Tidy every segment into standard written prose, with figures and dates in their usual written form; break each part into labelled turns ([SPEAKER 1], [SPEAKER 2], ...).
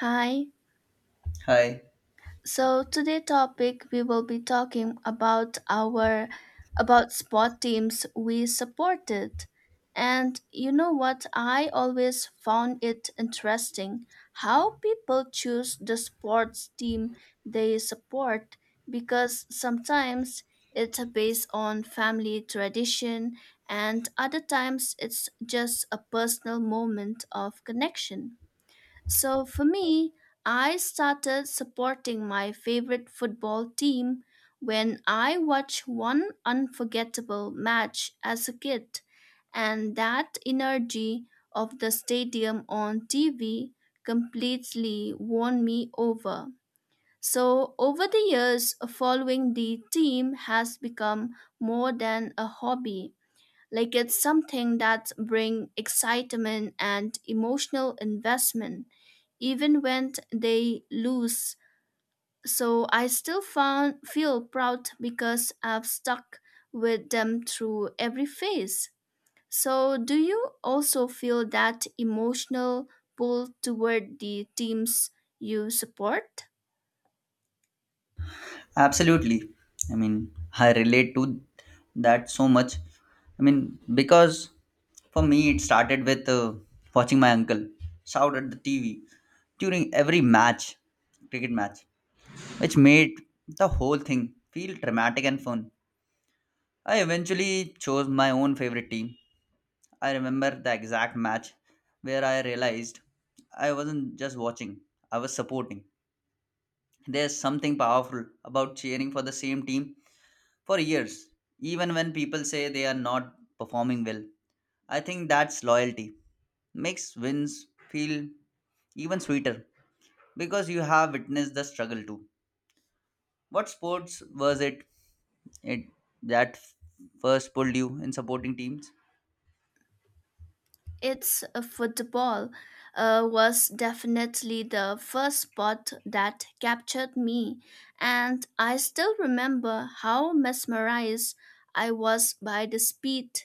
[SPEAKER 1] Hi.
[SPEAKER 2] Hi.
[SPEAKER 1] So today topic we will be talking about our about sport teams we supported. And you know what, I always found it interesting how people choose the sports team they support, because sometimes it's based on family tradition and other times it's just a personal moment of connection. So for me, I started supporting my favorite football team when I watched one unforgettable match as a kid, and that energy of the stadium on TV completely won me over. So, over the years, following the team has become more than a hobby. Like, it's something that brings excitement and emotional investment even when they lose. So I still feel proud because I've stuck with them through every phase. So do you also feel that emotional pull toward the teams you support?
[SPEAKER 2] Absolutely. I relate to that so much. Because for me, it started with watching my uncle shout at the TV during every match, cricket match, which made the whole thing feel dramatic and fun. I eventually chose my own favorite team. I remember the exact match where I realized I wasn't just watching, I was supporting. There's something powerful about cheering for the same team for years, even when people say they are not performing well. I think that's loyalty. Makes wins feel even sweeter because you have witnessed the struggle too. What sports was it that first pulled you in supporting teams?
[SPEAKER 1] It's football was definitely the first sport that captured me, and I still remember how mesmerized I was by the speed,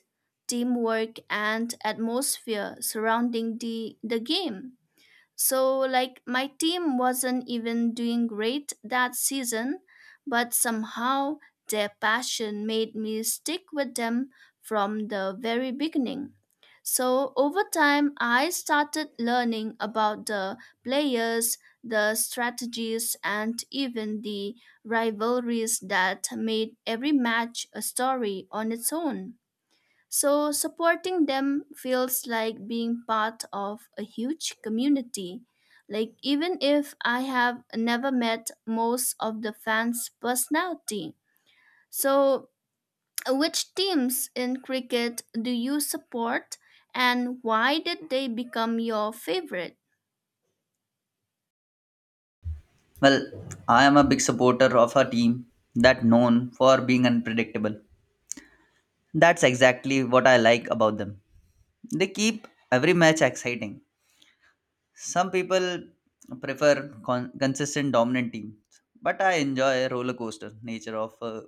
[SPEAKER 1] teamwork, and atmosphere surrounding the game. So, like, my team wasn't even doing great that season, but somehow their passion made me stick with them from the very beginning. So, over time, I started learning about the players, the strategies, and even the rivalries that made every match a story on its own. So, supporting them feels like being part of a huge community. Like, even if I have never met most of the fans' personality. So, which teams in cricket do you support and why did they become your favorite?
[SPEAKER 2] Well, I am a big supporter of a team that known for being unpredictable. That's exactly what I like about them. They keep every match exciting. Some people prefer consistent dominant teams, but I enjoy a roller coaster nature of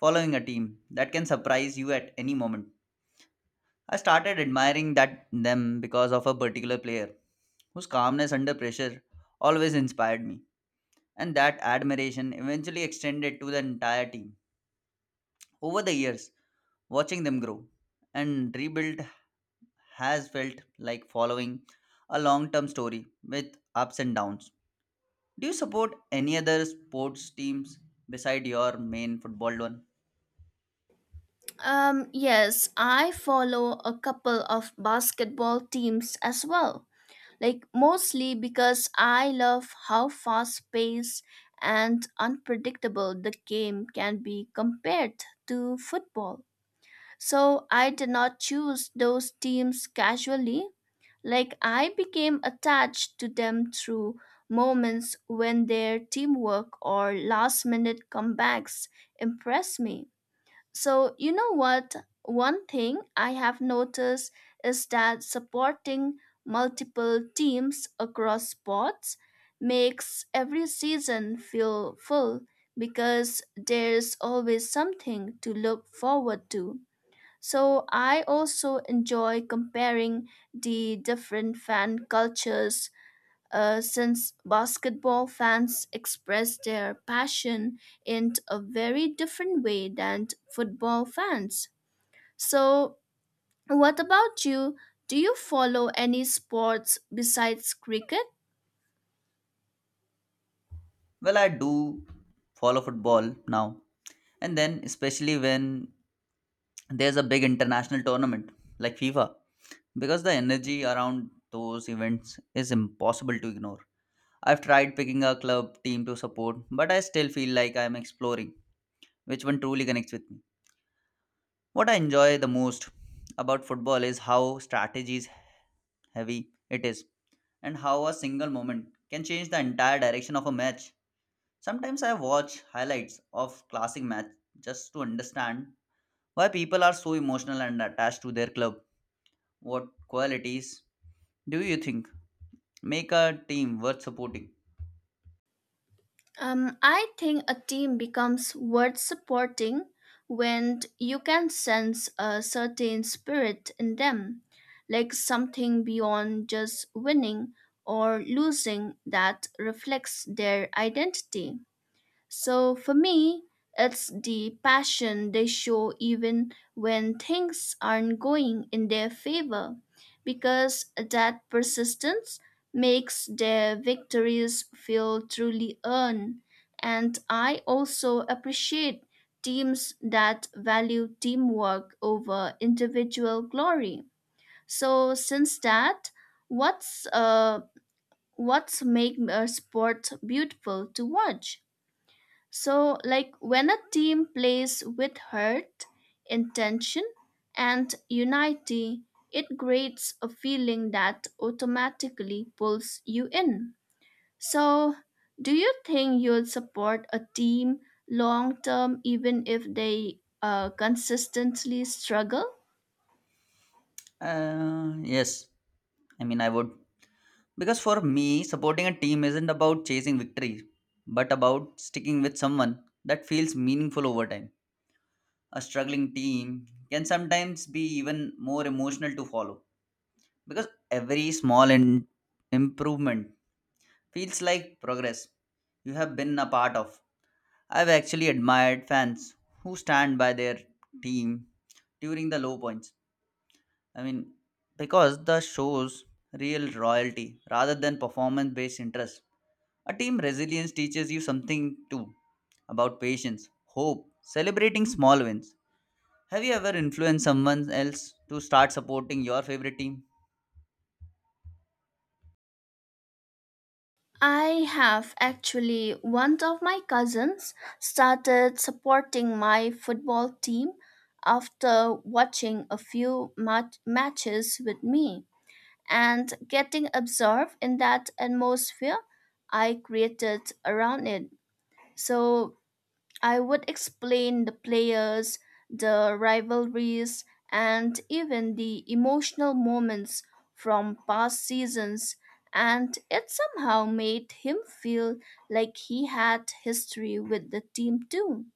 [SPEAKER 2] following a team that can surprise you at any moment. I started admiring that them because of a particular player whose calmness under pressure always inspired me, and that admiration eventually extended to the entire team. Over the years, watching them grow and rebuild has felt like following a long term story with ups and downs. Do you support any other sports teams beside your main football one?
[SPEAKER 1] Yes, I follow a couple of basketball teams as well, like mostly because I love how fast paced and unpredictable the game can be compared to football. So I did not choose those teams casually. Like, I became attached to them through moments when their teamwork or last minute comebacks impressed me. So, you know what? One thing I have noticed is that supporting multiple teams across sports makes every season feel full because there's always something to look forward to. So, I also enjoy comparing the different fan cultures, since basketball fans express their passion in a very different way than football fans. So, what about you? Do you follow any sports besides cricket?
[SPEAKER 2] Well, I do follow football now. And then, especially when there's a big international tournament like FIFA, because the energy around those events is impossible to ignore. I've tried picking a club team to support, but I still feel like I'm exploring which one truly connects with me. What I enjoy the most about football is how strategies heavy it is and how a single moment can change the entire direction of a match. Sometimes I watch highlights of classic match just to understand why people are so emotional and attached to their club. What qualities do you think make a team worth supporting?
[SPEAKER 1] I think a team becomes worth supporting when you can sense a certain spirit in them, like something beyond just winning or losing that reflects their identity. So for me, it's the passion they show even when things aren't going in their favor, because that persistence makes their victories feel truly earned. And I also appreciate teams that value teamwork over individual glory. So since that, what's uh what's make a sport beautiful to watch? So, like, when a team plays with heart, intention, and unity, it creates a feeling that automatically pulls you in. So, do you think you'll support a team long term even if they consistently struggle?
[SPEAKER 2] Yes, I would. Because for me, supporting a team isn't about chasing victory, but about sticking with someone that feels meaningful over time. A struggling team can sometimes be even more emotional to follow because every small improvement feels like progress you have been a part of. I've actually admired fans who stand by their team during the low points. I mean, because the shows real royalty rather than performance based interest. A team resilience teaches you something too about patience, hope, celebrating small wins. Have you ever influenced someone else to start supporting your favorite team?
[SPEAKER 1] I have, actually, one of my cousins started supporting my football team after watching a few matches with me and getting absorbed in that atmosphere I created around it. So I would explain the players, the rivalries, and even the emotional moments from past seasons, and it somehow made him feel like he had history with the team too.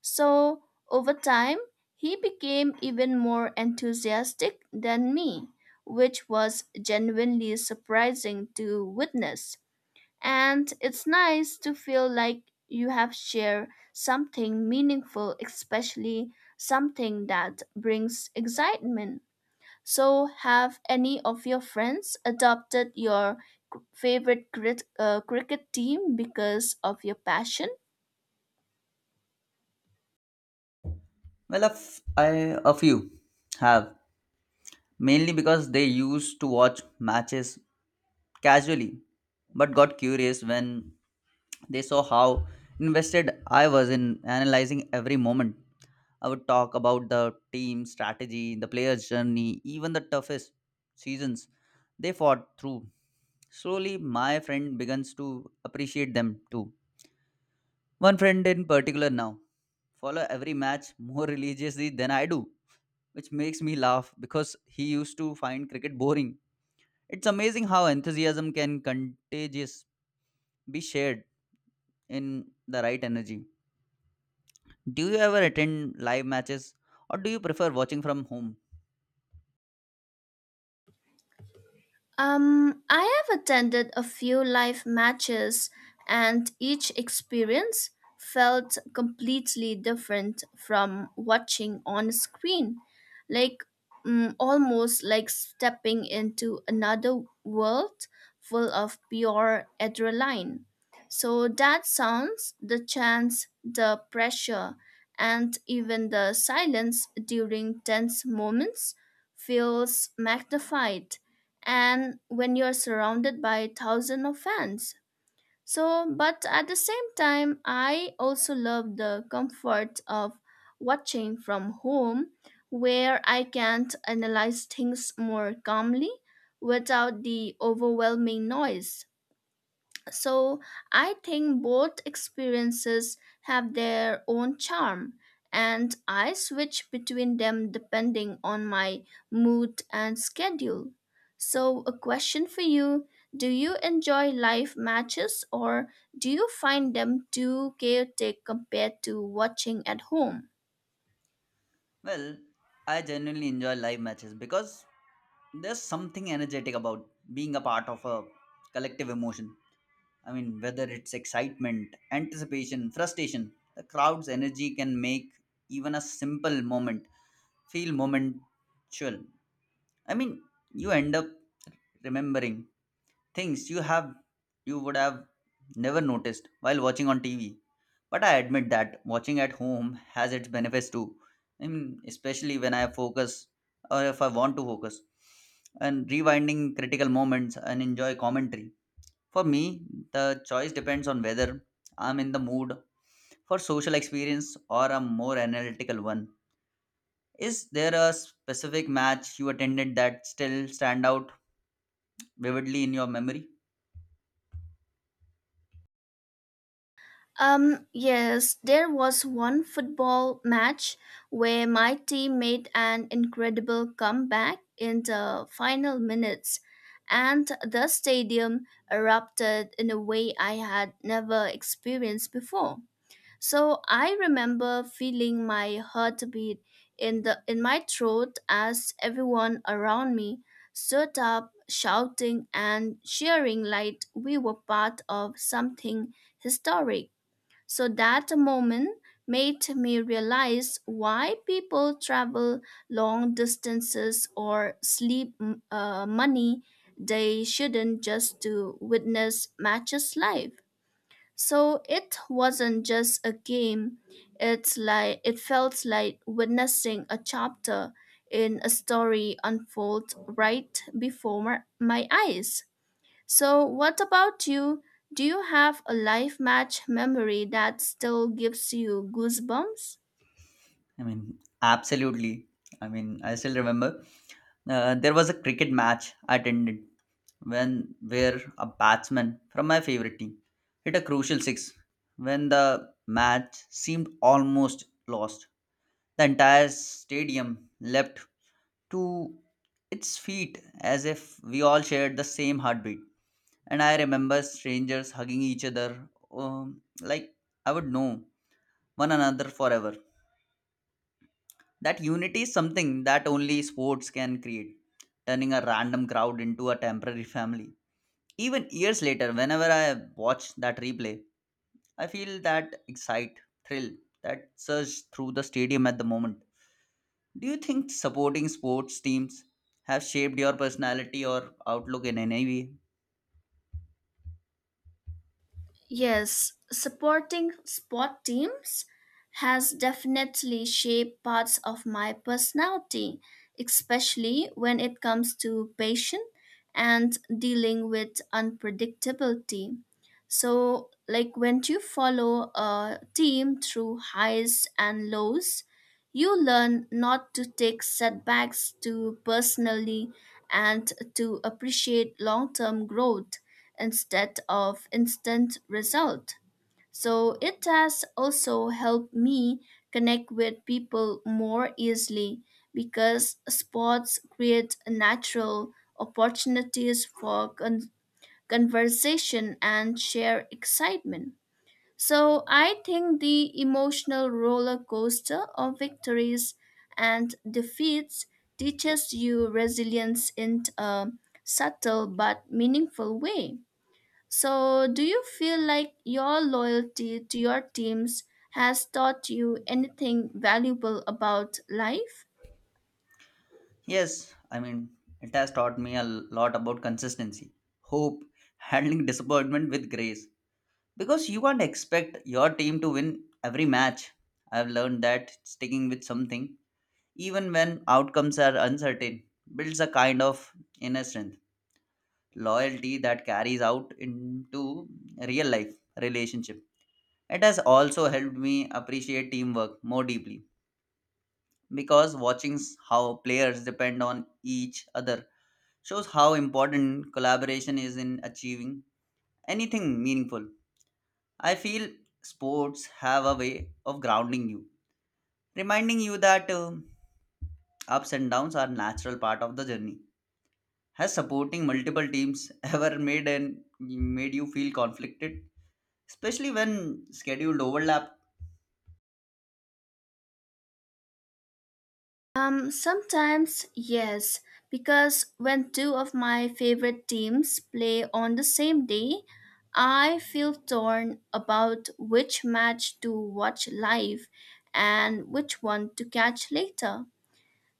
[SPEAKER 1] So, over time, he became even more enthusiastic than me, which was genuinely surprising to witness. And it's nice to feel like you have shared something meaningful, especially something that brings excitement. So, have any of your friends adopted your favorite cricket team because of your passion?
[SPEAKER 2] Well, a, f- I, a few have, mainly because they used to watch matches casually, but got curious when they saw how invested I was in analyzing every moment. I would talk about the team strategy, the player's journey, even the toughest seasons they fought through. Slowly, my friend begins to appreciate them too. One friend in particular now follow every match more religiously than I do, which makes me laugh because he used to find cricket boring. It's amazing how enthusiasm can contagious be shared in the right energy. Do you ever attend live matches or do you prefer watching from home?
[SPEAKER 1] I have attended a few live matches, and each experience felt completely different from watching on screen. Like, almost like stepping into another world full of pure adrenaline. So, that sounds, the chance, the pressure, and even the silence during tense moments feels magnified and when you're surrounded by thousands of fans. So, but at the same time, I also love the comfort of watching from home where I can analyze things more calmly without the overwhelming noise. So I think both experiences have their own charm, and I switch between them depending on my mood and schedule. So, a question for you. Do you enjoy live matches or do you find them too chaotic compared to watching at home?
[SPEAKER 2] Well, I genuinely enjoy live matches because there's something energetic about being a part of a collective emotion. I mean, whether it's excitement, anticipation, frustration, the crowd's energy can make even a simple moment feel momentual. I mean, you end up remembering things you would have never noticed while watching on TV. But I admit that watching at home has its benefits too. I mean, especially when I focus or if I want to focus and rewinding critical moments and enjoy commentary. For me, the choice depends on whether I'm in the mood for social experience or a more analytical one. Is there a specific match you attended that still stand out vividly in your memory?
[SPEAKER 1] Yes, there was one football match where my team made an incredible comeback in the final minutes, and the stadium erupted in a way I had never experienced before. So I remember feeling my heartbeat in my throat as everyone around me stood up shouting and cheering like we were part of something historic. So that moment made me realize why people travel long distances or sleep money they shouldn't just to witness matches live. So it wasn't just a game. It's like it felt like witnessing a chapter in a story unfold right before my eyes. So, what about you? Do you have a life match memory that still gives you goosebumps?
[SPEAKER 2] I mean, absolutely. I still remember there was a cricket match I attended when where a batsman from my favorite team hit a crucial six when the match seemed almost lost. The entire stadium leapt to its feet as if we all shared the same heartbeat. And I remember strangers hugging each other like I would know one another forever. That unity is something that only sports can create, turning a random crowd into a temporary family. Even years later, whenever I watch that replay, I feel that thrill that surge through the stadium at the moment. Do you think supporting sports teams have shaped your personality or outlook in any way?
[SPEAKER 1] Yes, supporting sport teams has definitely shaped parts of my personality, especially when it comes to patience and dealing with unpredictability. So, like, when you follow a team through highs and lows, you learn not to take setbacks too personally and to appreciate long term growth instead of instant result. So it has also helped me connect with people more easily because sports create natural opportunities for conversation and share excitement. So I think the emotional roller coaster of victories and defeats teaches you resilience in a subtle but meaningful way. So, do you feel like your loyalty to your teams has taught you anything valuable about life?
[SPEAKER 2] Yes, it has taught me a lot about consistency, hope, handling disappointment with grace, because you can't expect your team to win every match. I've learned that sticking with something even when outcomes are uncertain builds a kind of inner strength loyalty that carries out into real life relationship. It has also helped me appreciate teamwork more deeply because watching how players depend on each other shows how important collaboration is in achieving anything meaningful. I feel sports have a way of grounding you, reminding you that ups and downs are natural part of the journey. Has supporting multiple teams ever made you feel conflicted, especially when scheduled overlap?
[SPEAKER 1] Sometimes, yes, because when two of my favorite teams play on the same day, I feel torn about which match to watch live and which one to catch later.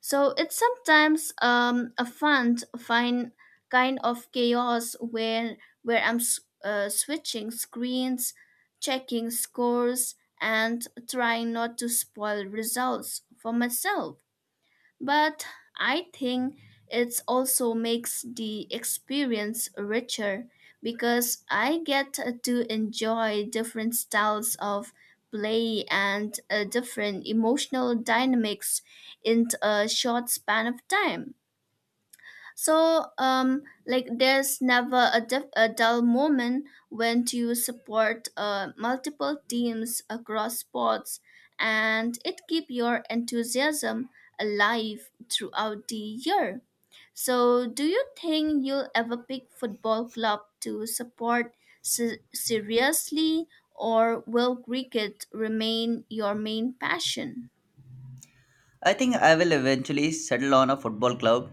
[SPEAKER 1] So it's sometimes a fine kind of chaos where I'm switching screens, checking scores, and trying not to spoil results for myself. But I think it also makes the experience richer because I get to enjoy different styles of play and different emotional dynamics in a short span of time. So, like, there's never a dull moment when you support multiple teams across sports, and it keep your enthusiasm alive throughout the year. So, do you think you'll ever pick football club to support seriously, or will cricket remain your main passion?
[SPEAKER 2] I think I will eventually settle on a football club,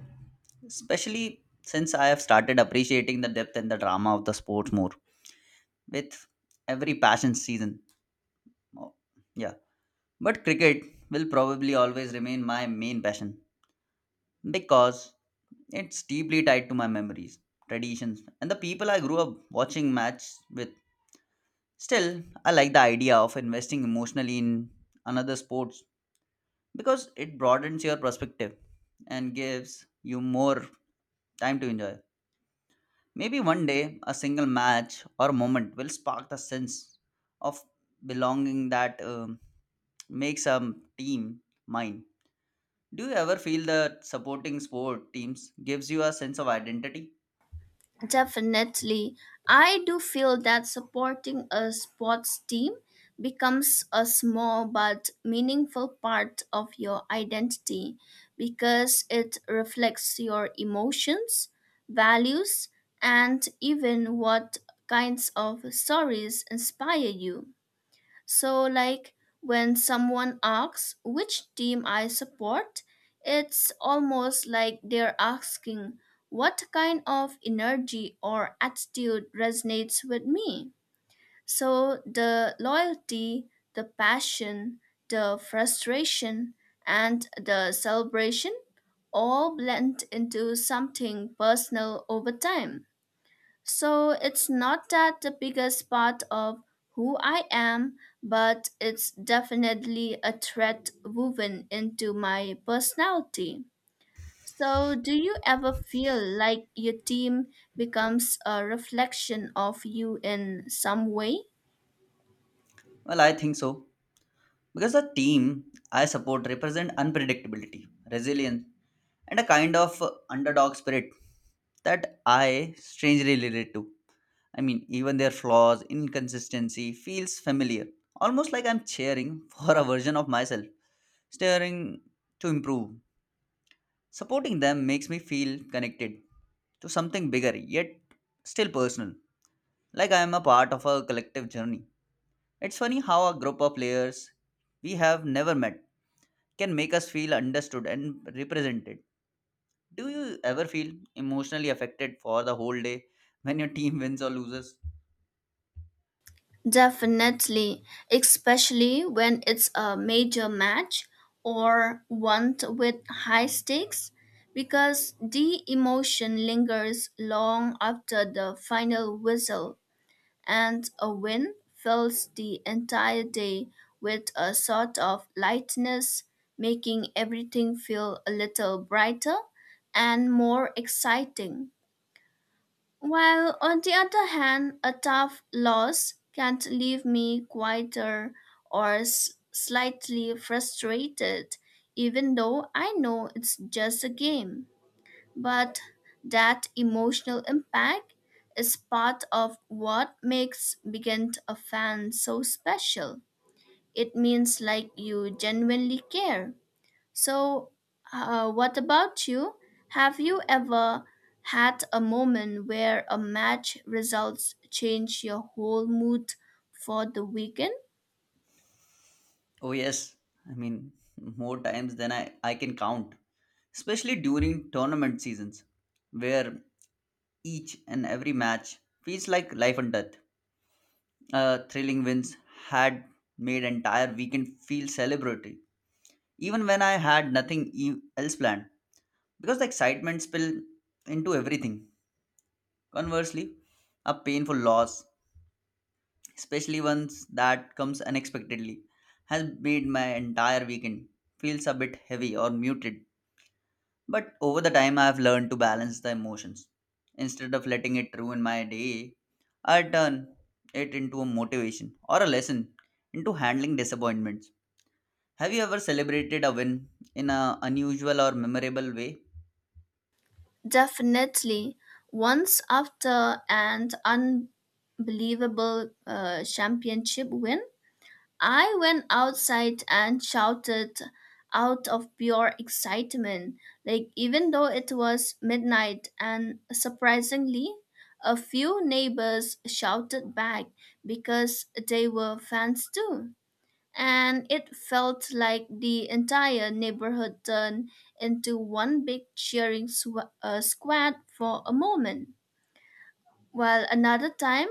[SPEAKER 2] especially since I have started appreciating the depth and the drama of the sport more with every passion season. Oh, yeah, but cricket will probably always remain my main passion because it's deeply tied to my memories, traditions, and the people I grew up watching match with. Still, I like the idea of investing emotionally in another sports because it broadens your perspective and gives you more time to enjoy. Maybe one day a single match or moment will spark the sense of belonging that makes a team mine. Do you ever feel that supporting sport teams gives you a sense of identity?
[SPEAKER 1] Definitely. I do feel that supporting a sports team becomes a small but meaningful part of your identity because it reflects your emotions, values, and even what kinds of stories inspire you. So, like, when someone asks which team I support, it's almost like they're asking what kind of energy or attitude resonates with me. So, the loyalty, the passion, the frustration, and the celebration all blend into something personal over time. So it's not that the biggest part of who I am, but it's definitely a thread woven into my personality. So, do you ever feel like your team becomes a reflection of you in some way?
[SPEAKER 2] Well, I think so. Because the team I support represent unpredictability, resilience, and a kind of underdog spirit that I strangely relate to. I mean, even their flaws, inconsistency feels familiar, almost like I'm cheering for a version of myself, staring to improve. Supporting them makes me feel connected to something bigger, yet still personal, like I am a part of a collective journey. It's funny how a group of players we have never met can make us feel understood and represented. Do you ever feel emotionally affected for the whole day when your team wins or loses?
[SPEAKER 1] Definitely, especially when it's a major match or one with high stakes, because the emotion lingers long after the final whistle, and a win fills the entire day with a sort of lightness, making everything feel a little brighter and more exciting. While on the other hand, a tough loss can leave me quieter or slightly frustrated, even though I know it's just a game. But that emotional impact is part of what makes Begin a fan so special. It means like you genuinely care, so, what about you? Have you ever had a moment where a match results change your whole mood for the weekend?
[SPEAKER 2] Oh, yes. I mean, More times than I can count, especially during tournament seasons where each and every match feels like life and death. Thrilling wins had made entire weekend feel celebratory, even when I had nothing else planned because the excitement spilled into everything. Conversely, a painful loss, especially ones that comes unexpectedly, has made my entire weekend feels a bit heavy or muted. But over the time I have learned to balance the emotions. Instead of letting it ruin my day, I turn it into a motivation or a lesson into handling disappointments. Have you ever celebrated a win in an unusual or memorable way?
[SPEAKER 1] Definitely. Once after an unbelievable championship win, I went outside and shouted out of pure excitement, like even though it was midnight, and surprisingly, a few neighbors shouted back because they were fans too. And it felt like the entire neighborhood turned into one big cheering squad for a moment. Well, another time,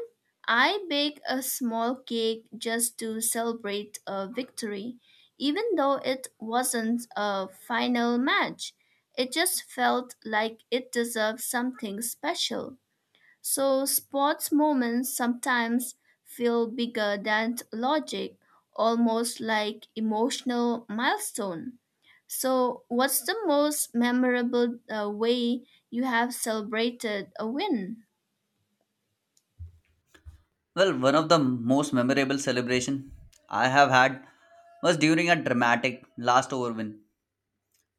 [SPEAKER 1] I bake a small cake just to celebrate a victory, even though it wasn't a final match. It just felt like it deserved something special. So, sports moments sometimes feel bigger than logic, almost like emotional milestone. So, what's the most memorable way you have celebrated a win?
[SPEAKER 2] Well, one of the most memorable celebration I have had was during a dramatic last over win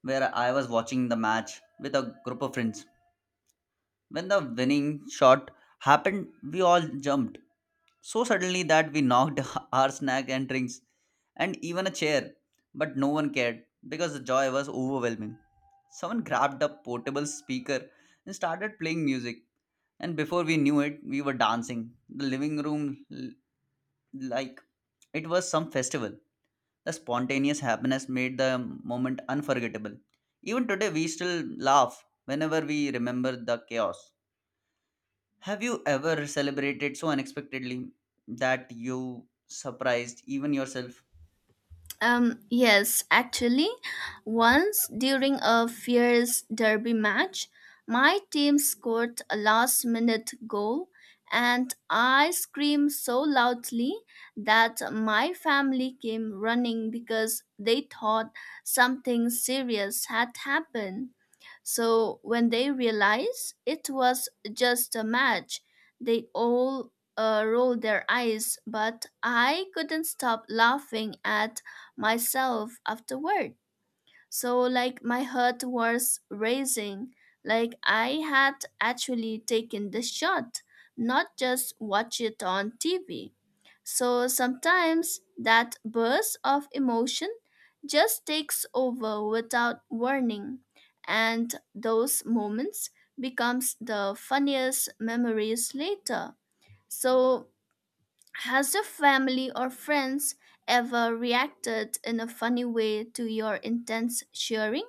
[SPEAKER 2] where I was watching the match with a group of friends. When the winning shot happened, we all jumped so suddenly that we knocked our snack and drinks and even a chair, but no one cared because the joy was overwhelming. Someone grabbed a portable speaker and started playing music, and before we knew it, we were dancing. The living like it was some festival. The spontaneous happiness made the moment unforgettable. Even today, we still laugh whenever we remember the chaos. Have you ever celebrated so unexpectedly that you surprised even yourself?
[SPEAKER 1] Yes, actually, once during a fierce derby match, my team scored a last minute goal, and I screamed so loudly that my family came running because they thought something serious had happened. So when they realized it was just a match, they all rolled their eyes, but I couldn't stop laughing at myself afterward. So like, my heart was racing, like I had actually taken the shot, not just watch it on TV. So sometimes that burst of emotion just takes over without warning, and those moments becomes the funniest memories later. So has your family or friends ever reacted in a funny way to your intense cheering?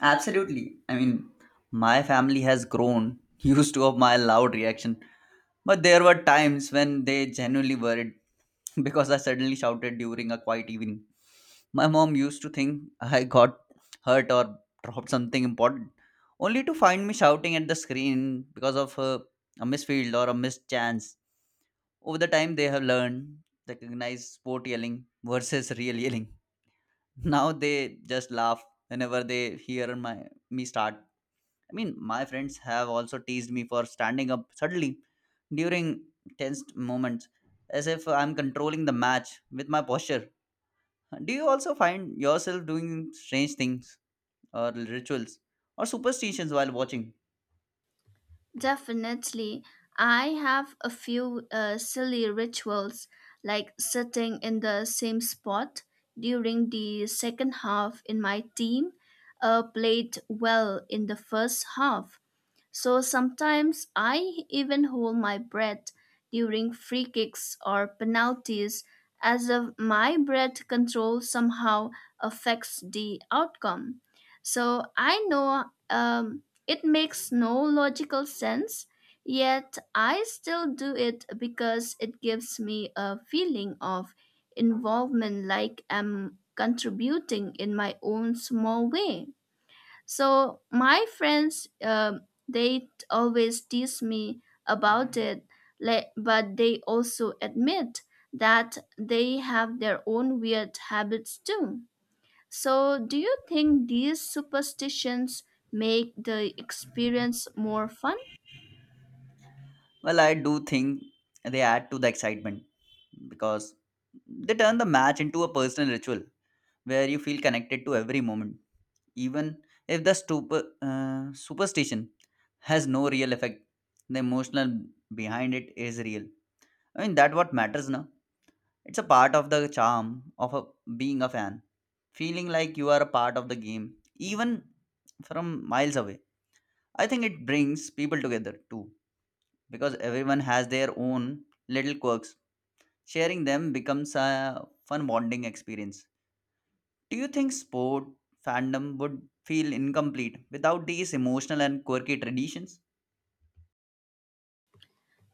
[SPEAKER 2] Absolutely. My family has grown used to of my loud reaction. But there were times when they genuinely worried because I suddenly shouted during a quiet evening. My mom used to think I got hurt or dropped something important, only to find me shouting at the screen because of a misfield or a missed chance. Over the time, they have learned recognize sport yelling versus real yelling. Now they just laugh whenever they hear my me start. I mean, my friends have also teased me for standing up suddenly during tense moments, as if I'm controlling the match with my posture. Do you also find yourself doing strange things or rituals or superstitions while watching?
[SPEAKER 1] Definitely. I have a few silly rituals, like sitting in the same spot during the second half in my team played well in the first half. So sometimes I even hold my breath during free kicks or penalties as if my breath control somehow affects the outcome. So I know it makes no logical sense, yet I still do it because it gives me a feeling of involvement like I'm contributing in my own small way. So my friends, they always tease me about it, but they also admit that they have their own weird habits too. So do you think these superstitions make the experience more fun?
[SPEAKER 2] Well, I do think they add to the excitement because they turn the match into a personal ritual where you feel connected to every moment. Even if the superstition has no real effect, the emotional behind it is real. I mean, that what matters now. It's a part of the charm of being a fan. Feeling like you are a part of the game, even from miles away. I think it brings people together too, because everyone has their own little quirks. Sharing them becomes a fun bonding experience. Do you think sport fandom would feel incomplete without these emotional and quirky traditions?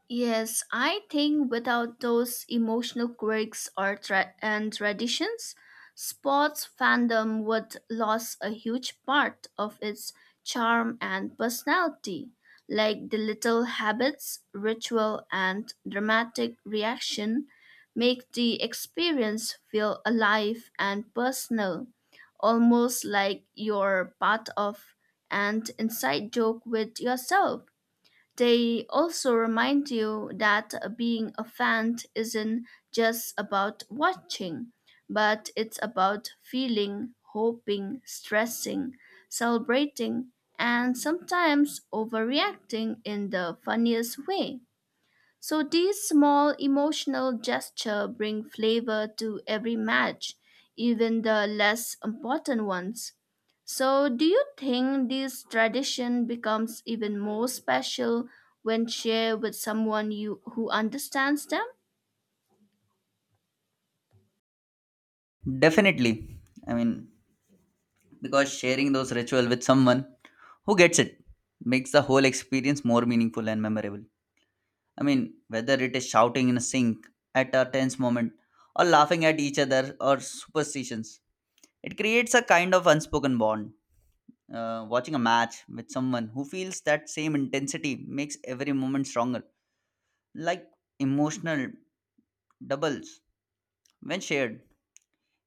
[SPEAKER 1] Yes, I think without those emotional quirks or and traditions, sports fandom would lose a huge part of its charm and personality, like the little habits, ritual, and dramatic reaction make the experience feel alive and personal, almost like you're part of an inside joke with yourself. They also remind you that being a fan isn't just about watching, but it's about feeling, hoping, stressing, celebrating, and sometimes overreacting in the funniest way. So these small emotional gestures bring flavor to every match, even the less important ones. So do you think this tradition becomes even more special when shared with someone you who understands them?
[SPEAKER 2] Definitely. I mean, because sharing those ritual with someone who gets it makes the whole experience more meaningful and memorable. I mean, whether it is shouting in a sink at a tense moment or laughing at each other or superstitions, it creates a kind of unspoken bond. Watching a match with someone who feels that same intensity makes every moment stronger, like emotional doubles. When shared,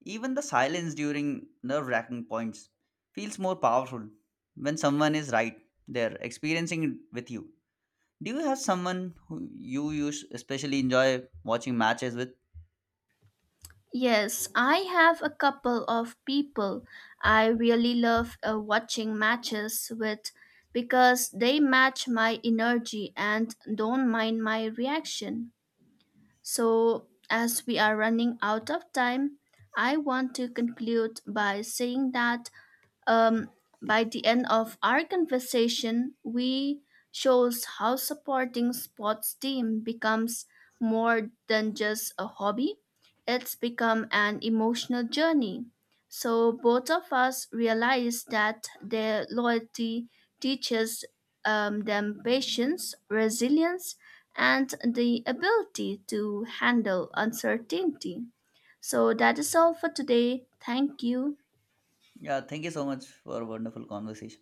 [SPEAKER 2] even the silence during nerve wracking points feels more powerful when someone is right there experiencing it with you. Do you have someone who you use especially enjoy watching matches with?
[SPEAKER 1] Yes, I have a couple of people I really love watching matches with because they match my energy and don't mind my reaction. So, as we are running out of time, I want to conclude by saying that um, by the end of our conversation, we shows how supporting sports team becomes more than just a hobby. It's become an emotional journey. So both of us realize that their loyalty teaches them patience, resilience, and the ability to handle uncertainty. So that is all for today. Thank you.
[SPEAKER 2] Yeah, thank you so much for a wonderful conversation.